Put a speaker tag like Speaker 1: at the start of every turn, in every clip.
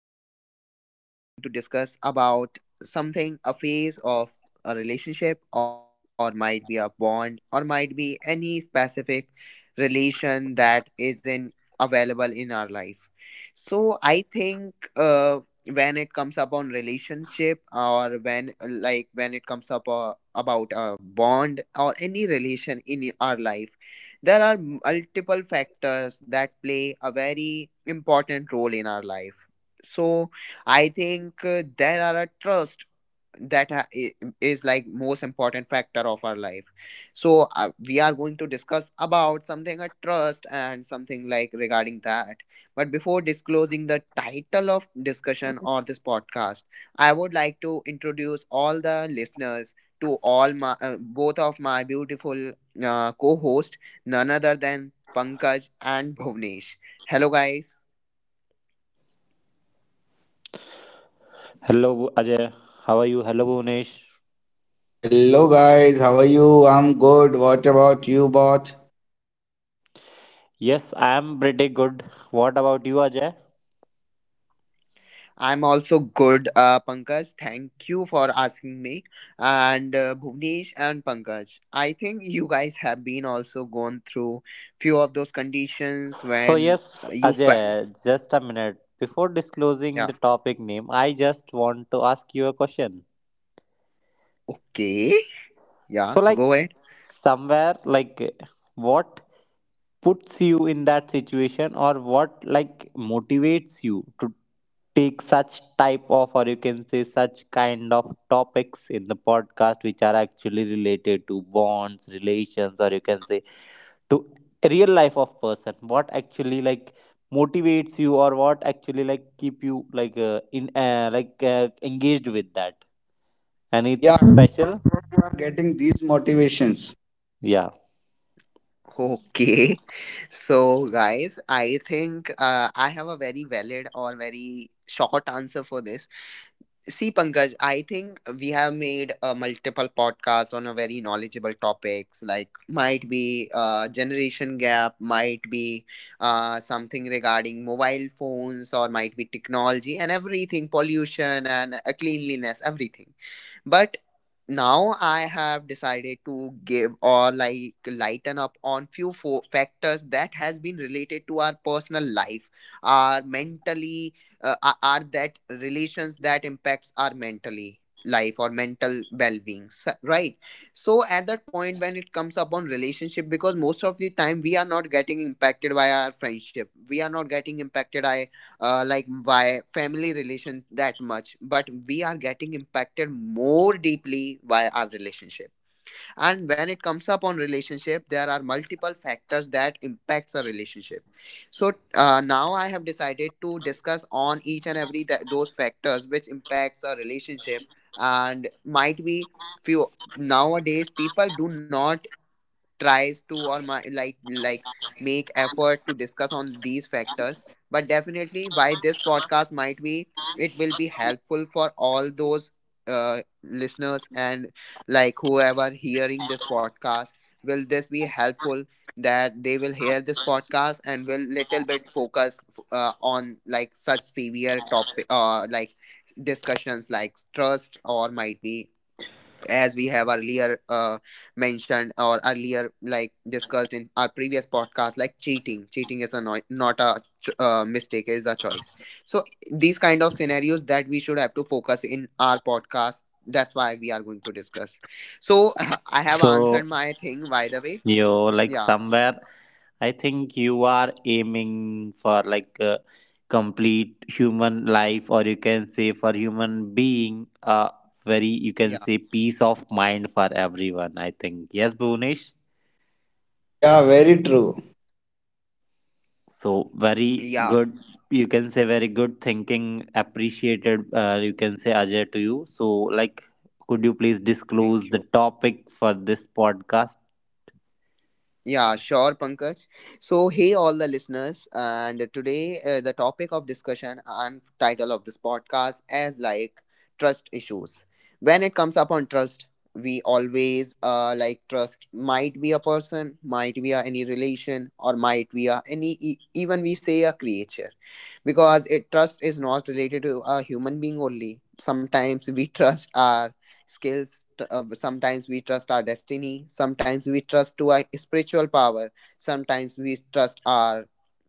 Speaker 1: And today we are going to discuss about something, a phase of a relationship, or might be a bond, or might be any specific relation that isn't available in our life. So, I think when it comes up on relationship, or when it comes up about a bond or any relation in our life, there are multiple factors that play a very important role in our life. So, I think there are a trust that is like most important factor of our life, so we are going to discuss about something at trust and something like regarding that. But before disclosing the title of discussion or this podcast, I would like to introduce all the listeners to all my both of my beautiful co-host, none other than Pankaj and Bhuvnesh. Hello, guys.
Speaker 2: Hello, Ajay. How are you? Hello, Bhunesh.
Speaker 3: Hello guys, how are you? I'm good. What about you, bot?
Speaker 2: Yes, I am pretty good. What about you, Ajay?
Speaker 1: I'm also good, Pankaj. Thank you for asking me. And Bhuvnesh and Pankaj, I think you guys have been also gone through few of those conditions
Speaker 2: So,
Speaker 1: when
Speaker 2: yes,
Speaker 1: uh, you fa-
Speaker 2: Ajay, just a minute. Before disclosing
Speaker 1: yeah,
Speaker 2: the topic name, I just want to ask you a question.
Speaker 1: okay, yeah,
Speaker 2: So, like
Speaker 1: go ahead.
Speaker 2: somewhere, like what puts you in that situation, or what like motivates you to take such type of, or you can say, such kind of topics in the podcast, which are actually related to bonds, relations, or you can say to real life of person. What actually like motivates you, or what actually like keep you like in like engaged with that? Any
Speaker 3: Yeah, you
Speaker 2: special?
Speaker 3: are getting these motivations.
Speaker 2: Yeah.
Speaker 1: Okay. So, guys, I think I have a very valid or very short answer for this. See, Pankaj, I think we have made multiple podcasts on a very knowledgeable topics, like might be generation gap, might be something regarding mobile phones, or might be technology and everything, pollution and cleanliness, everything. But now I have decided to give or like lighten up on few factors that has been related to our personal life, our mentally, are that relations that impacts our mentally life or mental well-being, right? So at that point when it comes upon relationship, because most of the time we are not getting impacted by our friendship, we are not getting impacted by like via family relation that much, but we are getting impacted more deeply via our relationship. And when it comes up on relationship, there are multiple factors that impacts a relationship. So now I have decided to discuss on each and every those factors which impacts a relationship. And might be few, nowadays people do not tries to or my, like make effort to discuss on these factors. But definitely, why this podcast might be, it will be helpful for all those listeners and like whoever hearing this podcast, will this be helpful, that they will hear this podcast and will little bit focus on like such severe topic, like discussions like trust, or might be, as we have earlier mentioned or earlier like discussed in our previous podcast, like cheating, cheating is a not a mistake, is a choice. So these kind of scenarios that we should have to focus in our podcast, that's why we are going to discuss. So I have answered
Speaker 2: So
Speaker 1: my thing, by the way.
Speaker 2: yo, like
Speaker 1: Yeah,
Speaker 2: somewhere, I think you are aiming for like a complete human life, or you can say for human being, very you can
Speaker 1: yeah,
Speaker 2: say peace of mind for everyone. I think yes, Bhunesh.
Speaker 3: Yeah, very true.
Speaker 2: So very
Speaker 1: yeah,
Speaker 2: good. You can say very good thinking. Appreciated. You can say Ajay to you. So like, could you please disclose
Speaker 1: thank
Speaker 2: the
Speaker 1: you.
Speaker 2: topic for this podcast?
Speaker 1: Yeah, sure, Pankaj. So, hey, all the listeners, and today the topic of discussion and title of this podcast is like trust issues. When it comes up on trust, we always like trust might be a person, might be a any relation, or might be a any even we say a creature, because it trust is not related to a human being only. Sometimes we trust our skills, sometimes we trust our destiny, sometimes we trust to our spiritual power, sometimes we trust our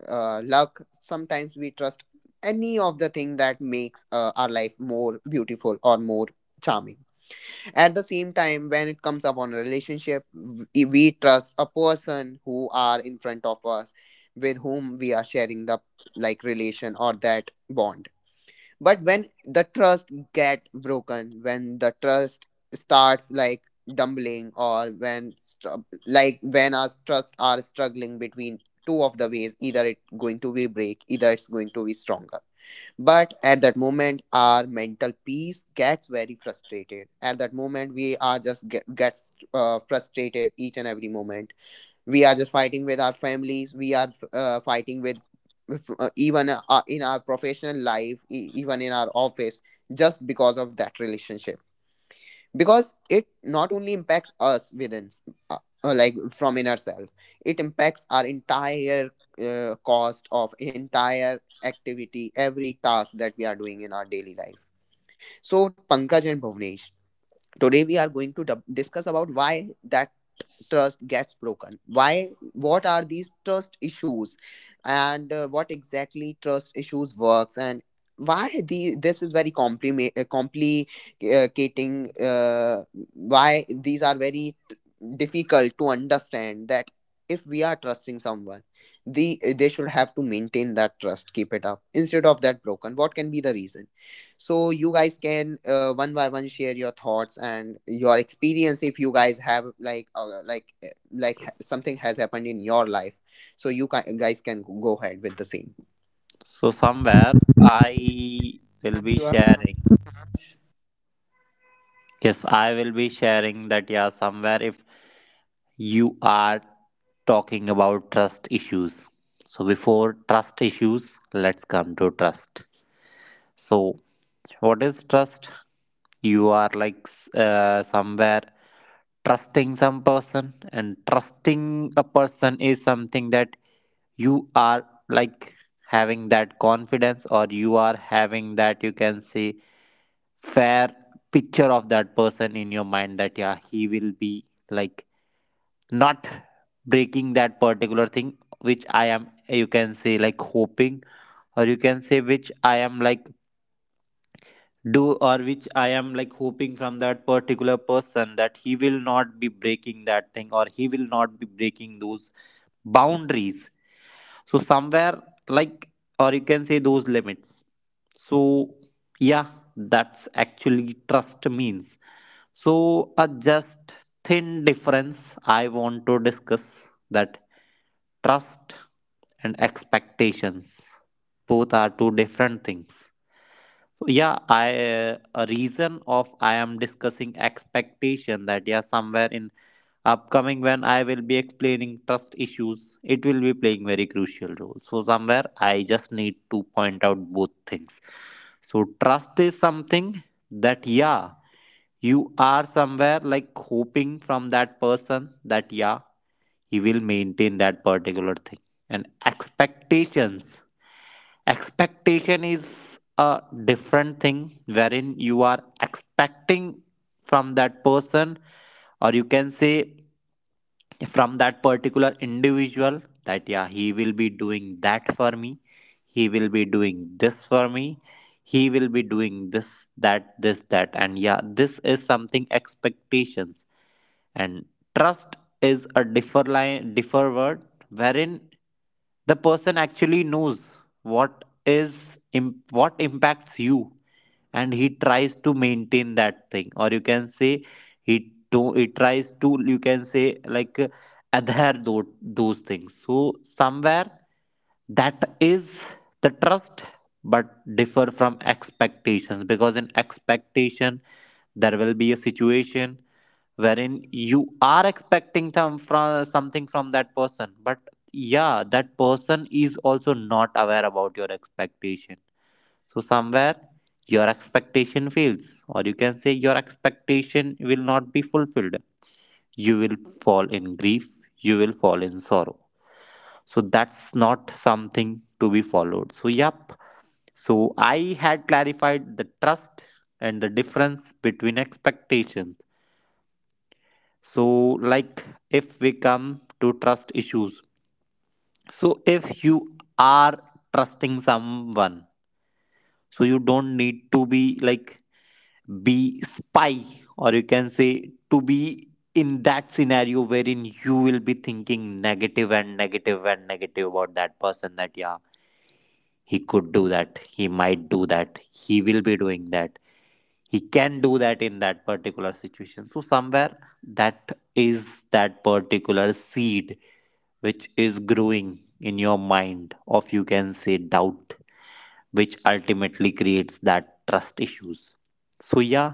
Speaker 1: luck, sometimes we trust any of the thing that makes our life more beautiful or more charming. At the same time, when it comes upon a relationship, we trust a person who are in front of us, with whom we are sharing the like relation or that bond. But when the trust get broken, when the trust starts like dumbling, or when like when our trust are struggling between two of the ways, either it's going to be break, either it's going to be stronger. But at that moment our mental peace gets very frustrated. At that moment we are just gets frustrated each and every moment. We are just fighting with our families, we are fighting with, even in our professional life, even in our office, just because of that relationship. Because it not only impacts us within, uh, like from inner self, it impacts our entire cost of entire activity, every task that we are doing in our daily life. So Pankaj and Bhuvnesh, today we are going to discuss about why that trust gets broken, why, what are these trust issues, and what exactly trust issues works, and why the this is very compliment, complicating, why these are very difficult to understand, that if we are trusting someone, the they should have to maintain that trust, keep it up, instead of that broken, what can be the reason. So you guys can one by one share your thoughts and your experience, if you guys have like something has happened in your life. So you guys can go ahead with the same.
Speaker 2: So somewhere I will be
Speaker 3: You are
Speaker 2: sharing. Yes, I will be sharing that. Yeah, somewhere if you are talking about trust issues. So, before trust issues, let's come to trust. So, what is trust? You are like somewhere trusting some person, and trusting a person is something that you are like having that confidence, or you are having that you can say fair picture of that person in your mind that yeah he will be like not breaking that particular thing which I am you can say like hoping or you can say which I am like do or which I am like hoping from that particular person that he will not be breaking that thing or he will not be breaking those boundaries, so somewhere like or you can say those limits. So yeah, that's actually trust means. So, a just thin difference I want to discuss, that trust and expectations both are two different things. So, yeah, I a reason of I am discussing expectation that yeah somewhere in upcoming when I will be explaining trust issues, it will be playing very crucial role. So somewhere I just need to point out both things. So trust is something that yeah you are somewhere like hoping from that person that yeah he will maintain that particular thing, and expectation is a different thing wherein you are expecting from that person or you can say from that particular individual that yeah he will be doing that for me, he will be doing this for me, he will be doing this that this that, and yeah this is something expectations. And trust is a differ line, differ word, wherein the person actually knows what is what impacts you, and he tries to maintain that thing or you can say he tries to you can say like adhere those things, so somewhere that is the trust but differ from expectations because in expectation there will be a situation wherein you are expecting some from something from that person, but yeah that person is also not aware about your expectation, so somewhere your expectation fails or you can say your expectation will not be fulfilled. You will fall in grief, you will fall in sorrow, so that's not something to be followed. So yep, so I had clarified the trust and the difference between expectations. So like, if we come to trust issues, so if you are trusting someone, so you don't need to be like be spy or you can say to be in that scenario wherein you will be thinking negative and negative and negative about that person that yeah he could do that, he might do that, he will be doing that, he can do that in that particular situation, so somewhere that is that particular seed which is growing in your mind of you can say doubt, which ultimately creates that trust issues. So yeah,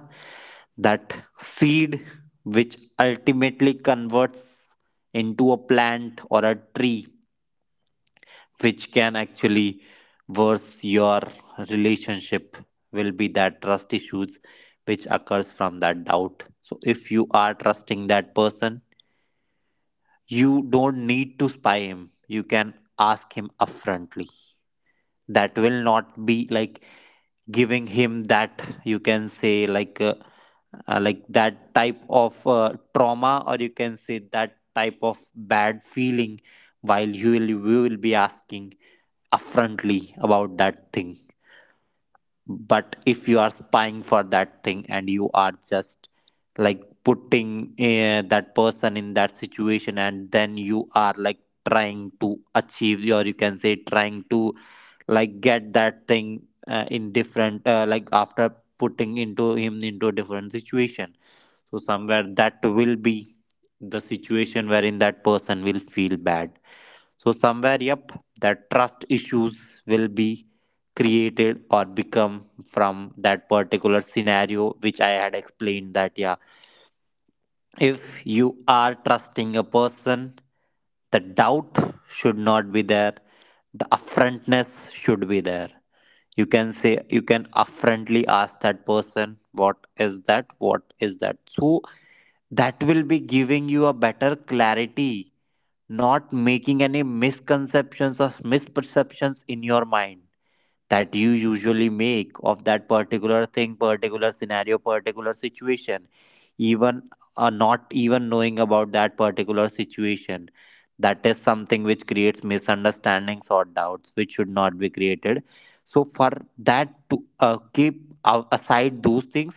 Speaker 2: that seed which ultimately converts into a plant or a tree which can actually worse your relationship will be that trust issues which occurs from that doubt. So if you are trusting that person, you don't need to spy him, you can ask him upfrontly. That will not be like giving him that you can say like that type of trauma or you can say that type of bad feeling while you will be asking affrontly about that thing. But if you are spying for that thing and you are just like putting that person in that situation, and then you are like trying to achieve or you can say trying to like get that thing in different like after putting into him into a different situation, so somewhere that will be the situation wherein that person will feel bad. So somewhere, yep, that trust issues will be created or become from that particular scenario which I had explained, that yeah, if you are trusting a person, the doubt should not be there, the affrontness should be there. You can say you can affrontly ask that person what is that, what is that. So that will be giving you a better clarity, not making any misconceptions or misperceptions in your mind that you usually make of that particular thing, particular scenario, particular situation, even not even knowing about that particular situation. That is something which creates misunderstandings or doubts, which should not be created. So, for that to aside those things,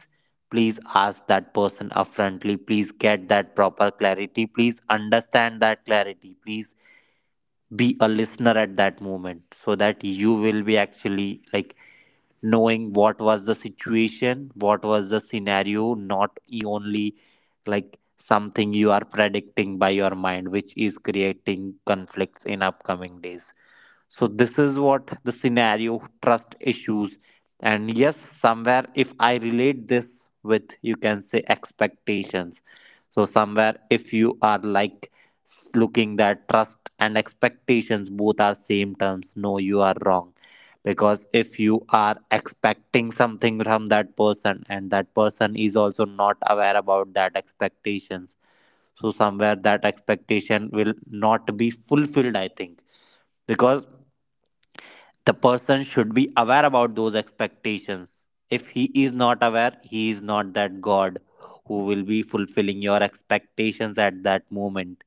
Speaker 2: please ask that person upfrontly. Please get that proper clarity. Please understand that clarity. Please be a listener at that moment so that you will be actually like knowing what was the situation, what was the scenario, not e- only like something you are predicting by your mind which is creating conflicts in upcoming days. So this is what the scenario trust issues. And yes, somewhere if I relate this with you can say expectations. So somewhere if you are like looking that trust and expectations both are same terms, no, you are wrong. Because if you are expecting something from that person and that person is also not aware about that expectations, so somewhere that expectation will not be fulfilled, I think. Because the person should be aware about those expectations. If he is not aware, he is not that god who will be fulfilling your expectations at that moment.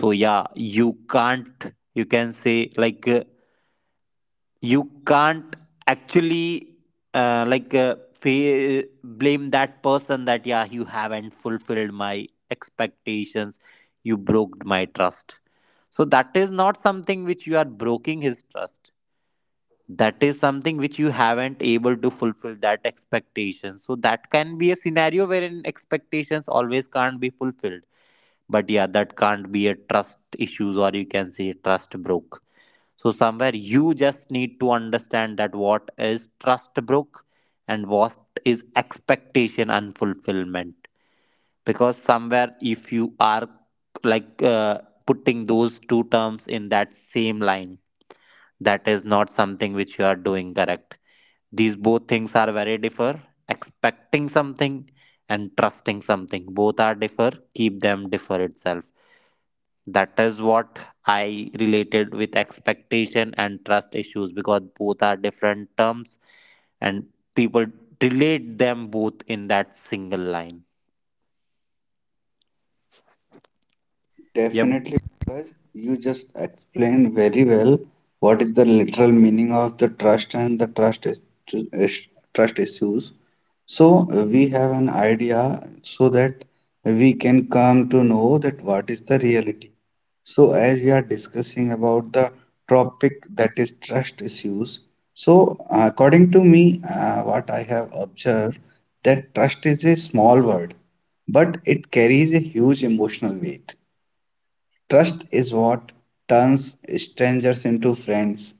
Speaker 2: So yeah, you can't you can say like you can't actually uh, like uh, fa- blame that person that yeah you haven't fulfilled my expectations, you broke my trust. So that is not something which you are breaking his trust, that is something which you haven't able to fulfill that expectation. So that can be a scenario wherein expectations always can't be fulfilled, but yeah that can't be a trust issues or you can say trust broke. So somewhere you just need to understand that what is trust broke and what is expectation unfulfillment. Because somewhere if you are like putting those two terms in that same line, that is not something which you are doing correct. These both things are very differ. Expecting something and trusting something. Both are differ. Keep them differ itself. That is what I related with expectation and trust issues because both are different terms, and people relate them both in that single line. Yep.
Speaker 3: definitely, because you just explained very well what is the literal meaning of the trust and the trust is- trust issues. So we have an idea so that we can come to know that what is the reality. So as we are discussing about the topic that is trust issues, so according to me, what I have observed that trust is a small word, but it carries a huge emotional weight. Trust is what turns strangers into friends,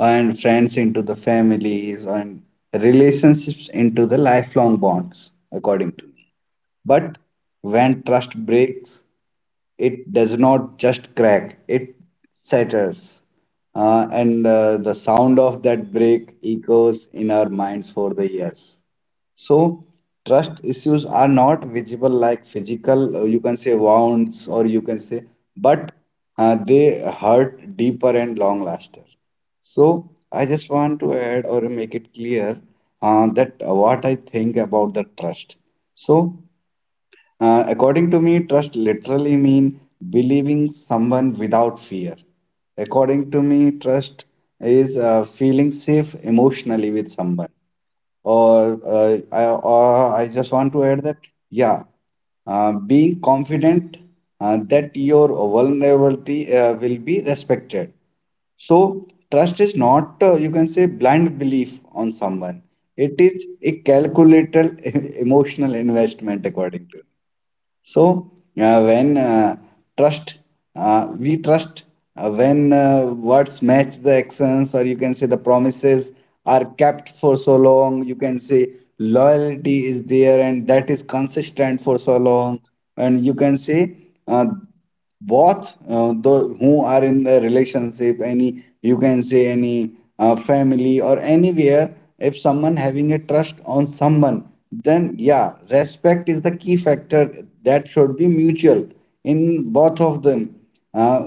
Speaker 3: and friends into the families, and relationships into the lifelong bonds, according to me. But when trust breaks, it does not just crack, it shatters. And the sound of that break echoes in our minds for the years. So, trust issues are not visible like physical, you can say, wounds, or you can say, but they hurt deeper and long laster. So, I just want to add or make it clear that what I think about the trust. So, according to me, trust literally mean believing someone without fear. According to me, trust is feeling safe emotionally with someone. Or, or I just want to add that, yeah, being confident that your vulnerability will be respected. So, trust is not, you can say, blind belief on someone. It is a calculated emotional investment, according to. Me. So uh, when uh, trust, we trust when words match the actions, or you can say the promises are kept for so long. You can say loyalty is there, and that is consistent for so long. And you can say uh, both the who are in the relationship, any you can say any family or anywhere, if someone having a trust on someone, then yeah, respect is the key factor that should be mutual in both of them, uh,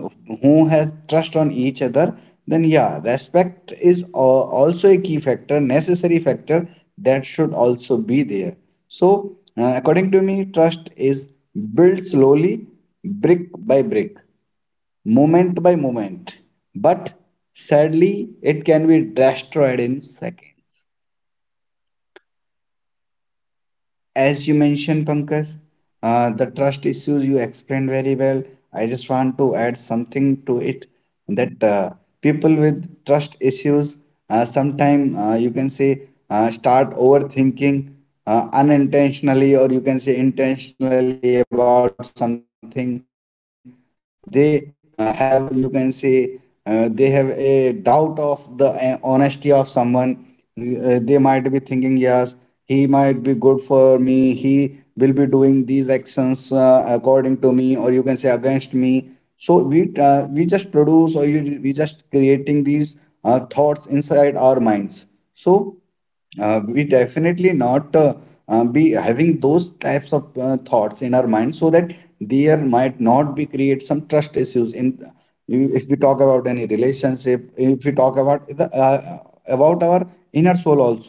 Speaker 3: who has trust on each other. Then yeah, respect is also a key factor, necessary factor, that should also be there. So according to me, trust is built slowly, brick by brick, moment by moment. But sadly, it can be destroyed in seconds. As you mentioned, Pankaj, the trust issues you explained very well. I just want to add something to it, that people with trust issues sometime you can say start overthinking unintentionally, or you can say intentionally, about something. They have, you can say, they have a doubt of the honesty of someone. They might be thinking yes, he might be good for me, he will be doing these actions according to me, or you can say against me. So we just produce, or we just creating these thoughts inside our minds. So we definitely not be having those types of thoughts in our mind, so that there might not be create some trust issues in, if we talk about any relationship, if we talk about about our inner soul also.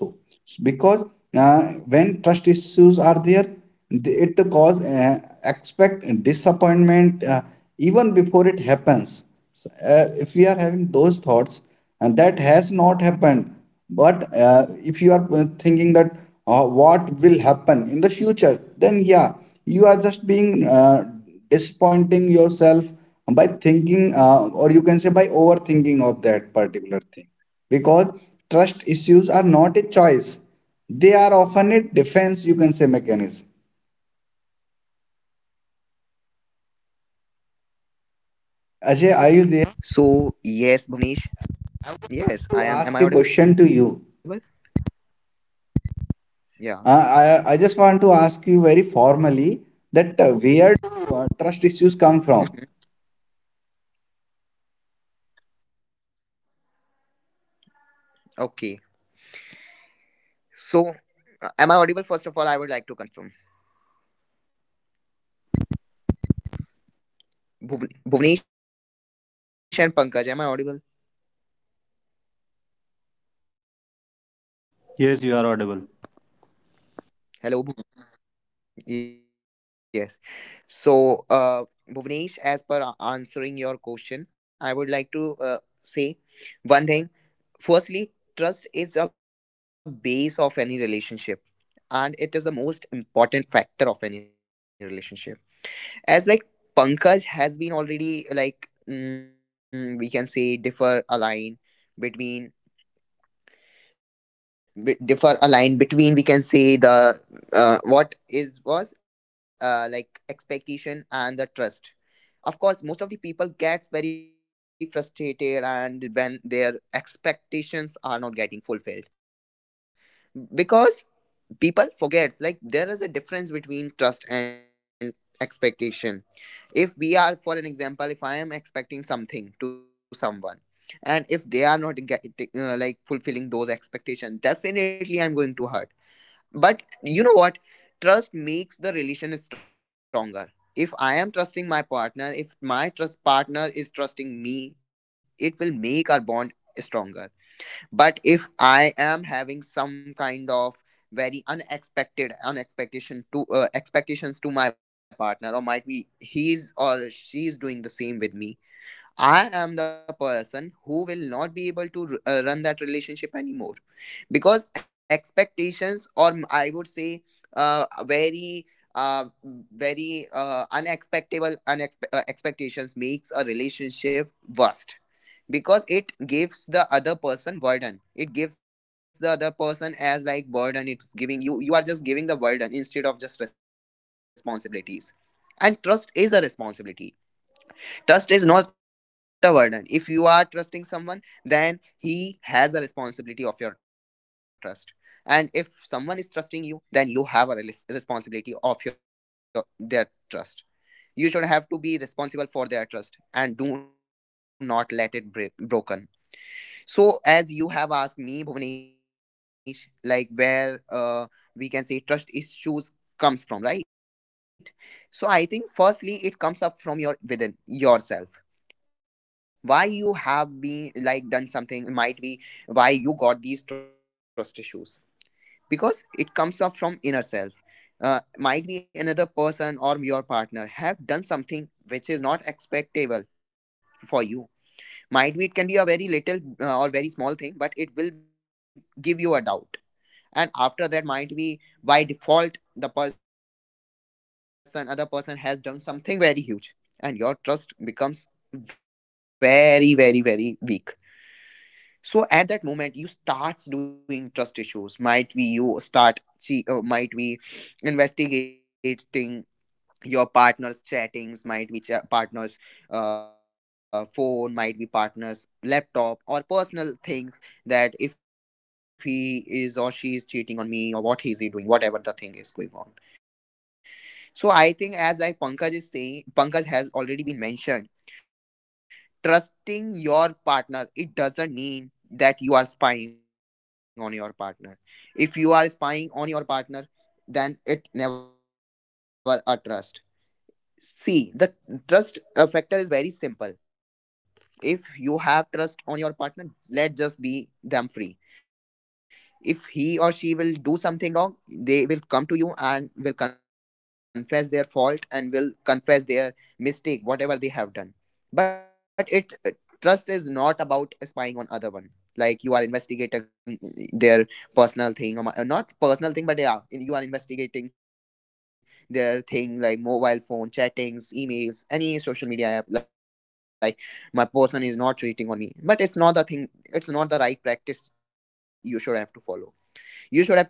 Speaker 3: Because uh, when trust issues are there, it cause expect disappointment even before it happens. So, if we are having those thoughts and that has not happened, but if you are thinking that what will happen in the future, then yeah, you are just being disappointing yourself by thinking or you can say by overthinking of that particular thing, because trust issues are not a choice, they are often a defense, you can say, mechanism. Ajay, are you there
Speaker 1: So yes, Bhuvnesh.
Speaker 3: to ask
Speaker 1: Yes,
Speaker 3: a
Speaker 1: I am.
Speaker 3: question to
Speaker 1: Am I
Speaker 3: you?
Speaker 1: audible? Yeah.
Speaker 3: Uh, I, I just want to ask you very formally that where do trust issues come from?
Speaker 1: Hmm. Okay. So, am I audible? First of all, I would like to confirm. Bhuvnesh and Pankaj, am I audible?
Speaker 2: Yes, you are audible.
Speaker 1: Hello. Yes. So, Bhuvnesh, as per answering your question, I would like to say one thing. Firstly, trust is a base of any relationship, and it is the most important factor of any relationship, as like Pankaj has been already like we can say differ align between, differ align between, we can say the what is was like expectation and the trust. Of course, most of the people gets very frustrated and when their expectations are not getting fulfilled, because people forgets like there is a difference between trust and expectation. If we are, for an example, if I am expecting something to someone, and if they are not like fulfilling those expectations, definitely I'm going to hurt. But you know what, trust makes the relation stronger. If I am trusting my partner, if my trust partner is trusting me, it will make our bond stronger. But if I am having some kind of very unexpected unexpectation to expectations to my partner, or might be he's or she's doing the same with me, I am the person who will not be able to run that relationship anymore. Because expectations, or I would say uh, very uh, very unexpectable expectations makes a relationship worst. Because it gives the other person burden, it gives the other person as like burden, it's giving you, you are just giving the burden instead of just responsibilities. And trust is a responsibility, trust is not a burden. If you are trusting someone, then he has a responsibility of your trust. And if someone is trusting you, then you have a responsibility of your their trust. You should have to be responsible for their trust, and do not let it break broken. So, as you have asked me, Bhuvanesh, like where we can say trust issues comes from, right? So, I think firstly it comes up from your within yourself. Why you have been like done something, might be why you got these trust issues, because it comes up from inner self. Might be another person or your partner have done something which is not expectable for you. Might be it can be a very little or very small thing, but it will give you a doubt. And after that, might be, by default, the person, other person has done something very huge, and your trust becomes very, very, very weak. So at that moment, you starts doing trust issues. Might be you start, see, might be investigating your partner's chattings, might be partner's phone, might be partner's laptop or personal things, that if he is or she is cheating on me, or what is he doing, whatever the thing is going on. So I think, as like Pankaj is saying, Pankaj has already been mentioned, trusting your partner, it doesn't mean that you are spying on your partner. If you are spying on your partner, then it never a trust. See, the trust factor is very simple. If you have trust on your partner, let just be them free. If he or she will do something wrong, they will come to you and will confess their fault and will confess their mistake, whatever they have done but it trust is not about spying on other one, like you are investigating their personal thing or my, not personal thing but yeah in, you are investigating their thing like mobile phone chattings, emails, any social media app like my person is not cheating on me. But it's not the thing, it's not the right practice you should have to follow.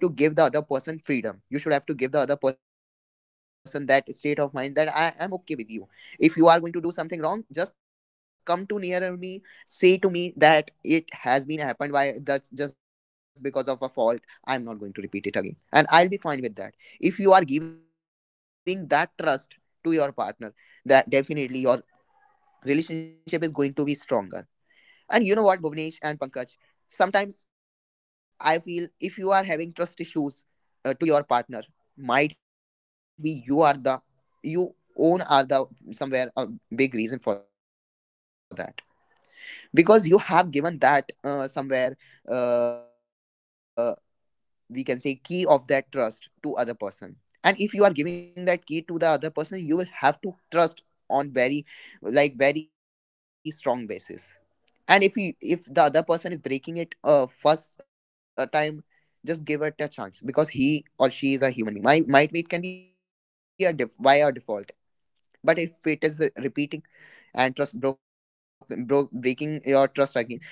Speaker 1: You should have to give the other person freedom, you should have to give the other person that state of mind that I am okay with you. If you are going to do something wrong, just come to nearer me, say to me that it has been happened by, that's just because of a fault, I'm not going to repeat it again, and I'll be fine with that. If you are giving that trust to your partner, that definitely your relationship is going to be stronger. And you know what, Bhuvnesh and Pankaj, sometimes I feel if you are having trust issues to your partner, might be you own are the somewhere a big reason for that. Because you have given that somewhere, uh, we can say, key of that trust to other person. And if you are giving that key to the other person, you will have to trust on very, like very strong basis. And if he, if the other person is breaking it first time, just give it a chance, because he or she is a human being, my might be it can be a by a default. But if it is repeating and trust broken broke breaking your trust again,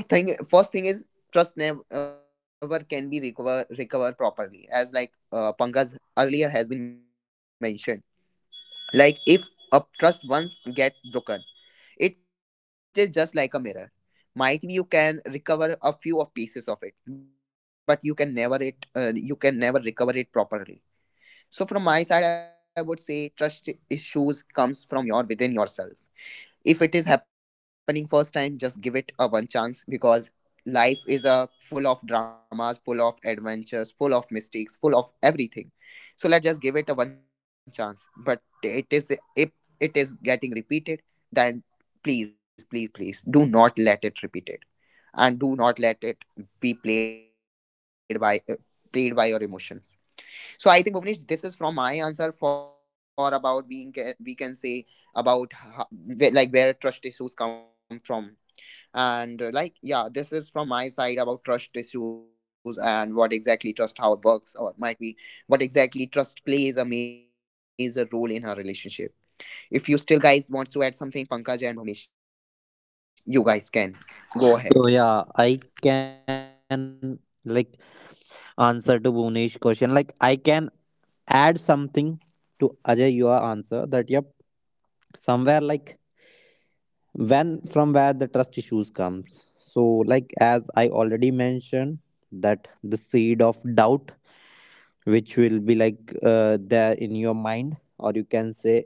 Speaker 1: the thing, first thing is trust never can be recover properly. As like Pangas earlier has been mentioned, like if a trust once get broken, it is just like a mirror. Might be you can recover a few of pieces of it, but you can never it you can never recover it properly. So from my side, I would say trust issues comes from your within yourself. If it is happening first time, just give it a one chance, because life is a full of dramas, full of adventures, full of mistakes, full of everything. So let's just give it a one chance. But it is, if it is getting repeated, then please, please, please do not let it repeated, and do not let it be played by played by your emotions. So I think Bhuvnesh, this is from my answer for about we can say about like where trust issues come from, and like yeah, this is from my side about trust issues and what exactly trust how it works, or might be what exactly trust plays a major role in our relationship. If you still guys want to add something, Pankaj and Bhuvnesh, you guys can go ahead.
Speaker 2: So yeah, I can like answer to Bhuvnesh's question. Like I can add something to Ajay your answer that yep, somewhere like when from where the trust issues comes. So like as I already mentioned, that the seed of doubt which will be like there in your mind or you can say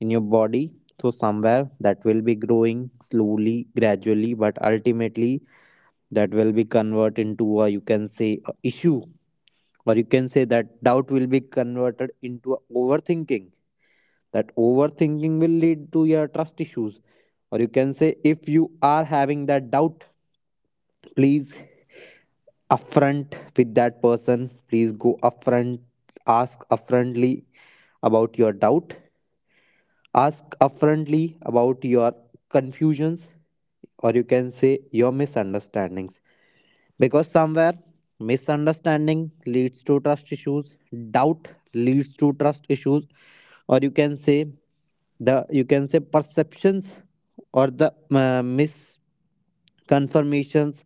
Speaker 2: in your body, so somewhere that will be growing slowly gradually but ultimately that will be converted into a you can say a issue, or you can say that doubt will be converted into a overthinking, that overthinking will lead to your trust issues. Or you can say if you are having that doubt, please upfront with that person, please go upfront, ask upfrontly about your doubt, ask upfrontly about your confusions or you can say your misunderstandings. Because somewhere misunderstanding leads to trust issues, doubt leads to trust issues, or you can say the you can say perceptions or the misconfirmations,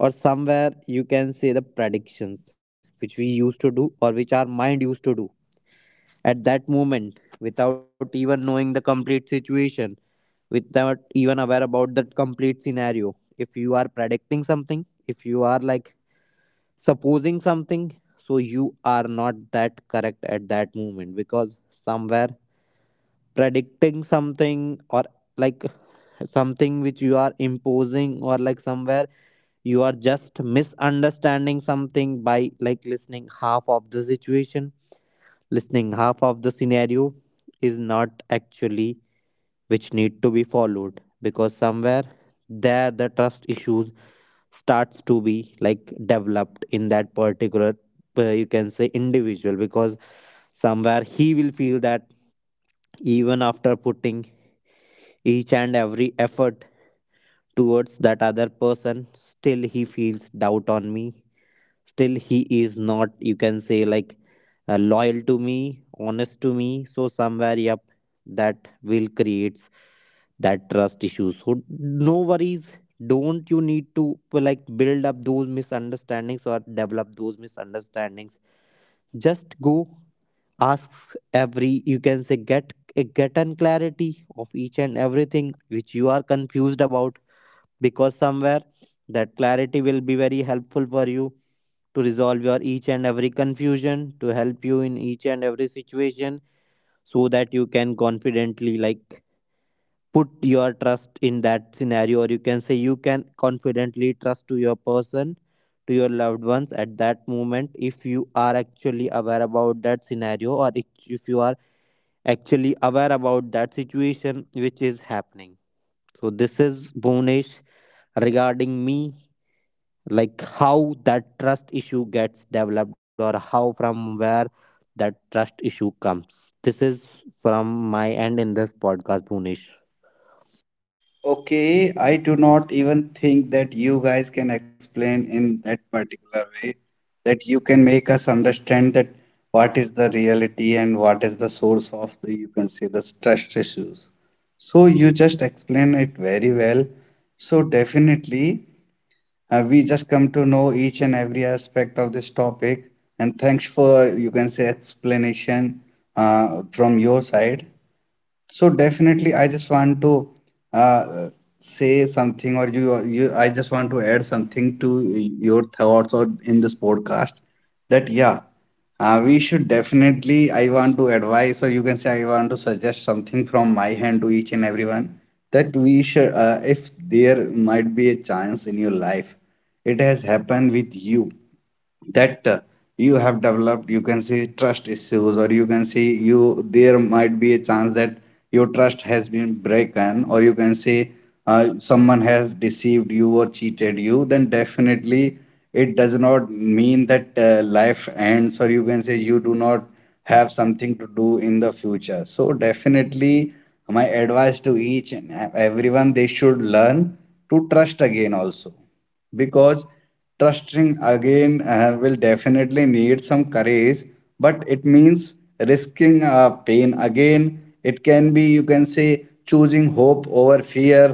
Speaker 2: or somewhere you can say the predictions which we used to do or which our mind used to do at that moment without even knowing the complete situation, without even aware about that complete scenario. If you are predicting something, if you are like supposing something, so you are not that correct at that moment, because somewhere predicting something or like something which you are imposing or like somewhere you are just misunderstanding something by like listening half of the situation, listening half of the scenario is not actually which need to be followed, because somewhere there the trust issues starts to be like developed in that particular you can say individual, because somewhere he will feel that even after putting each and every effort towards that other person, still he feels doubt on me, still he is not you can say like loyal to me, honest to me. So somewhere yep, that will creates that trust issue. So no worries, don't you need to like build up those misunderstandings or develop those misunderstandings. Just go ask, every you can say get an clarity of each and everything which you are confused about, because somewhere that clarity will be very helpful for you to resolve your each and every confusion, to help you in each and every situation, so that you can confidently like put your trust in that scenario or you can say you can confidently trust to your person, to your loved ones at that moment if you are actually aware about that scenario, or if you are actually aware about that situation which is happening. So this is Bonish, regarding me, like how that trust issue gets developed or how from where that trust issue comes. This is from my end in this podcast, Bhunesh.
Speaker 3: Okay, I do not even think that you guys can explain in that particular way, that you can make us understand that what is the reality and what is the source of the, you can say, the trust issues. So you just explain it very well. So definitely, we just come to know each and every aspect of this topic. And thanks for, you can say, explanation from your side. So definitely, I just want to uh, say something, or I just want to add something to your thoughts or in this podcast. That yeah, we should definitely. I want to advise, or you can say, I want to suggest something from my hand to each and everyone. That we should, if there might be a chance in your life, it has happened with you that you have developed, you can say, trust issues, or you can say you, there might be a chance that your trust has been broken, or you can say someone has deceived you or cheated you, then definitely it does not mean that life ends, or you can say you do not have something to do in the future. So definitely my advice to each and everyone, they should learn to trust again also, because trusting again will definitely need some courage, but it means risking pain again. It can be, you can say, choosing hope over fear,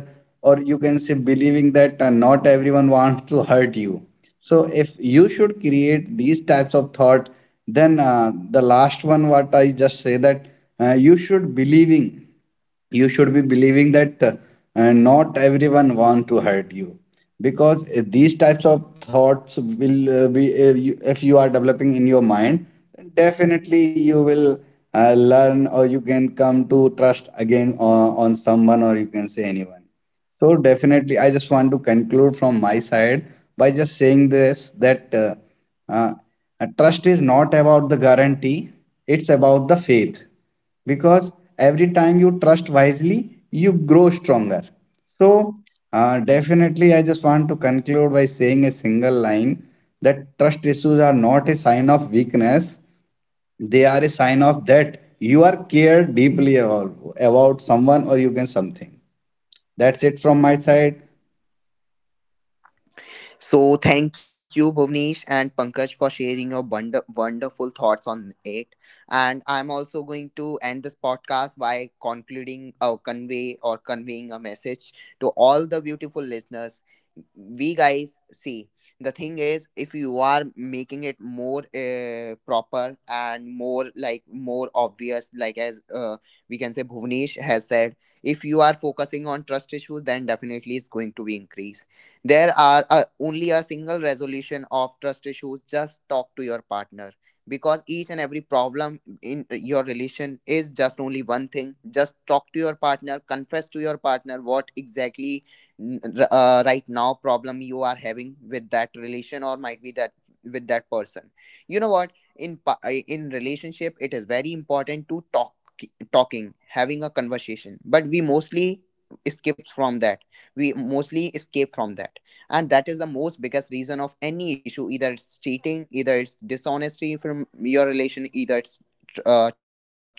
Speaker 3: or you can say believing that not everyone wants to hurt you. So if you should create these types of thought, then the last one what I just say that you should believing, you should be believing that not everyone wants to hurt you, because these types of thoughts will be, if you are developing in your mind, then definitely you will learn, or you can come to trust again on someone, or you can say anyone. So definitely, I just want to conclude from my side by just saying this that uh, trust is not about the guarantee; it's about the faith. Because every time you trust wisely, you grow stronger. So definitely, I just want to conclude by saying a single line that trust issues are not a sign of weakness; they are a sign of that you are cared deeply about someone, or you can something. That's it from my side.
Speaker 1: So thank you, Bhuvnesh and Pankaj, for sharing your wonderful thoughts on it. And I'm also going to end this podcast by concluding or convey or conveying a message to all the beautiful listeners. We guys see, the thing is if you are making it more proper and more, like more obvious, like as we can say Bhuvnesh has said, if you are focusing on trust issues, then definitely it's going to be increased. There are only a single resolution of trust issues, just talk to your partner. Because each and every problem in your relation is just only one thing, just talk to your partner, confess to your partner what exactly right now problem you are having with that relation, or might be that with that person. You know what, in in relationship it is very important to talk, talking, having a conversation, but we mostly escapes from that, we mostly escape from that. And that is the most biggest reason of any issue, either it's cheating, either it's dishonesty from your relation, either it's trust issues.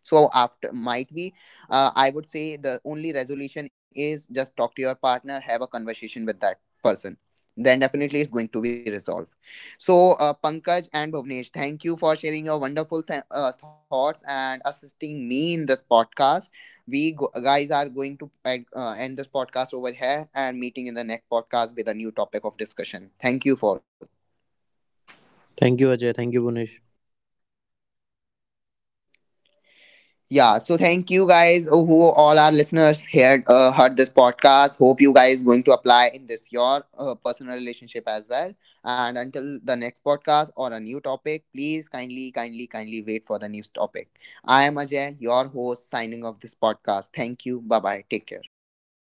Speaker 1: So after might be, I would say the only resolution is just talk to your partner, have a conversation with that person, then definitely it's going to be resolved. So Pankaj and Bhuvnesh, thank you for sharing your wonderful thoughts and assisting me in this podcast. We guys are going to end end this podcast over here and meeting in the next podcast with a new topic of discussion. Thank you
Speaker 3: Thank you,
Speaker 1: for,
Speaker 3: Ajay, for having us on your
Speaker 2: Thank you,
Speaker 3: show.
Speaker 2: Ajay. Thank you,
Speaker 3: Goodbye. Take
Speaker 2: Bunish.
Speaker 3: care.
Speaker 1: yeah, so thank you guys who all our listeners here heard this podcast. Hope you guys going to apply in this your personal relationship as well. And until the next podcast or a new topic, please, kindly, kindly, kindly wait for the new topic. I am Ajay, your host, signing off this podcast. Thank you, bye bye, take care.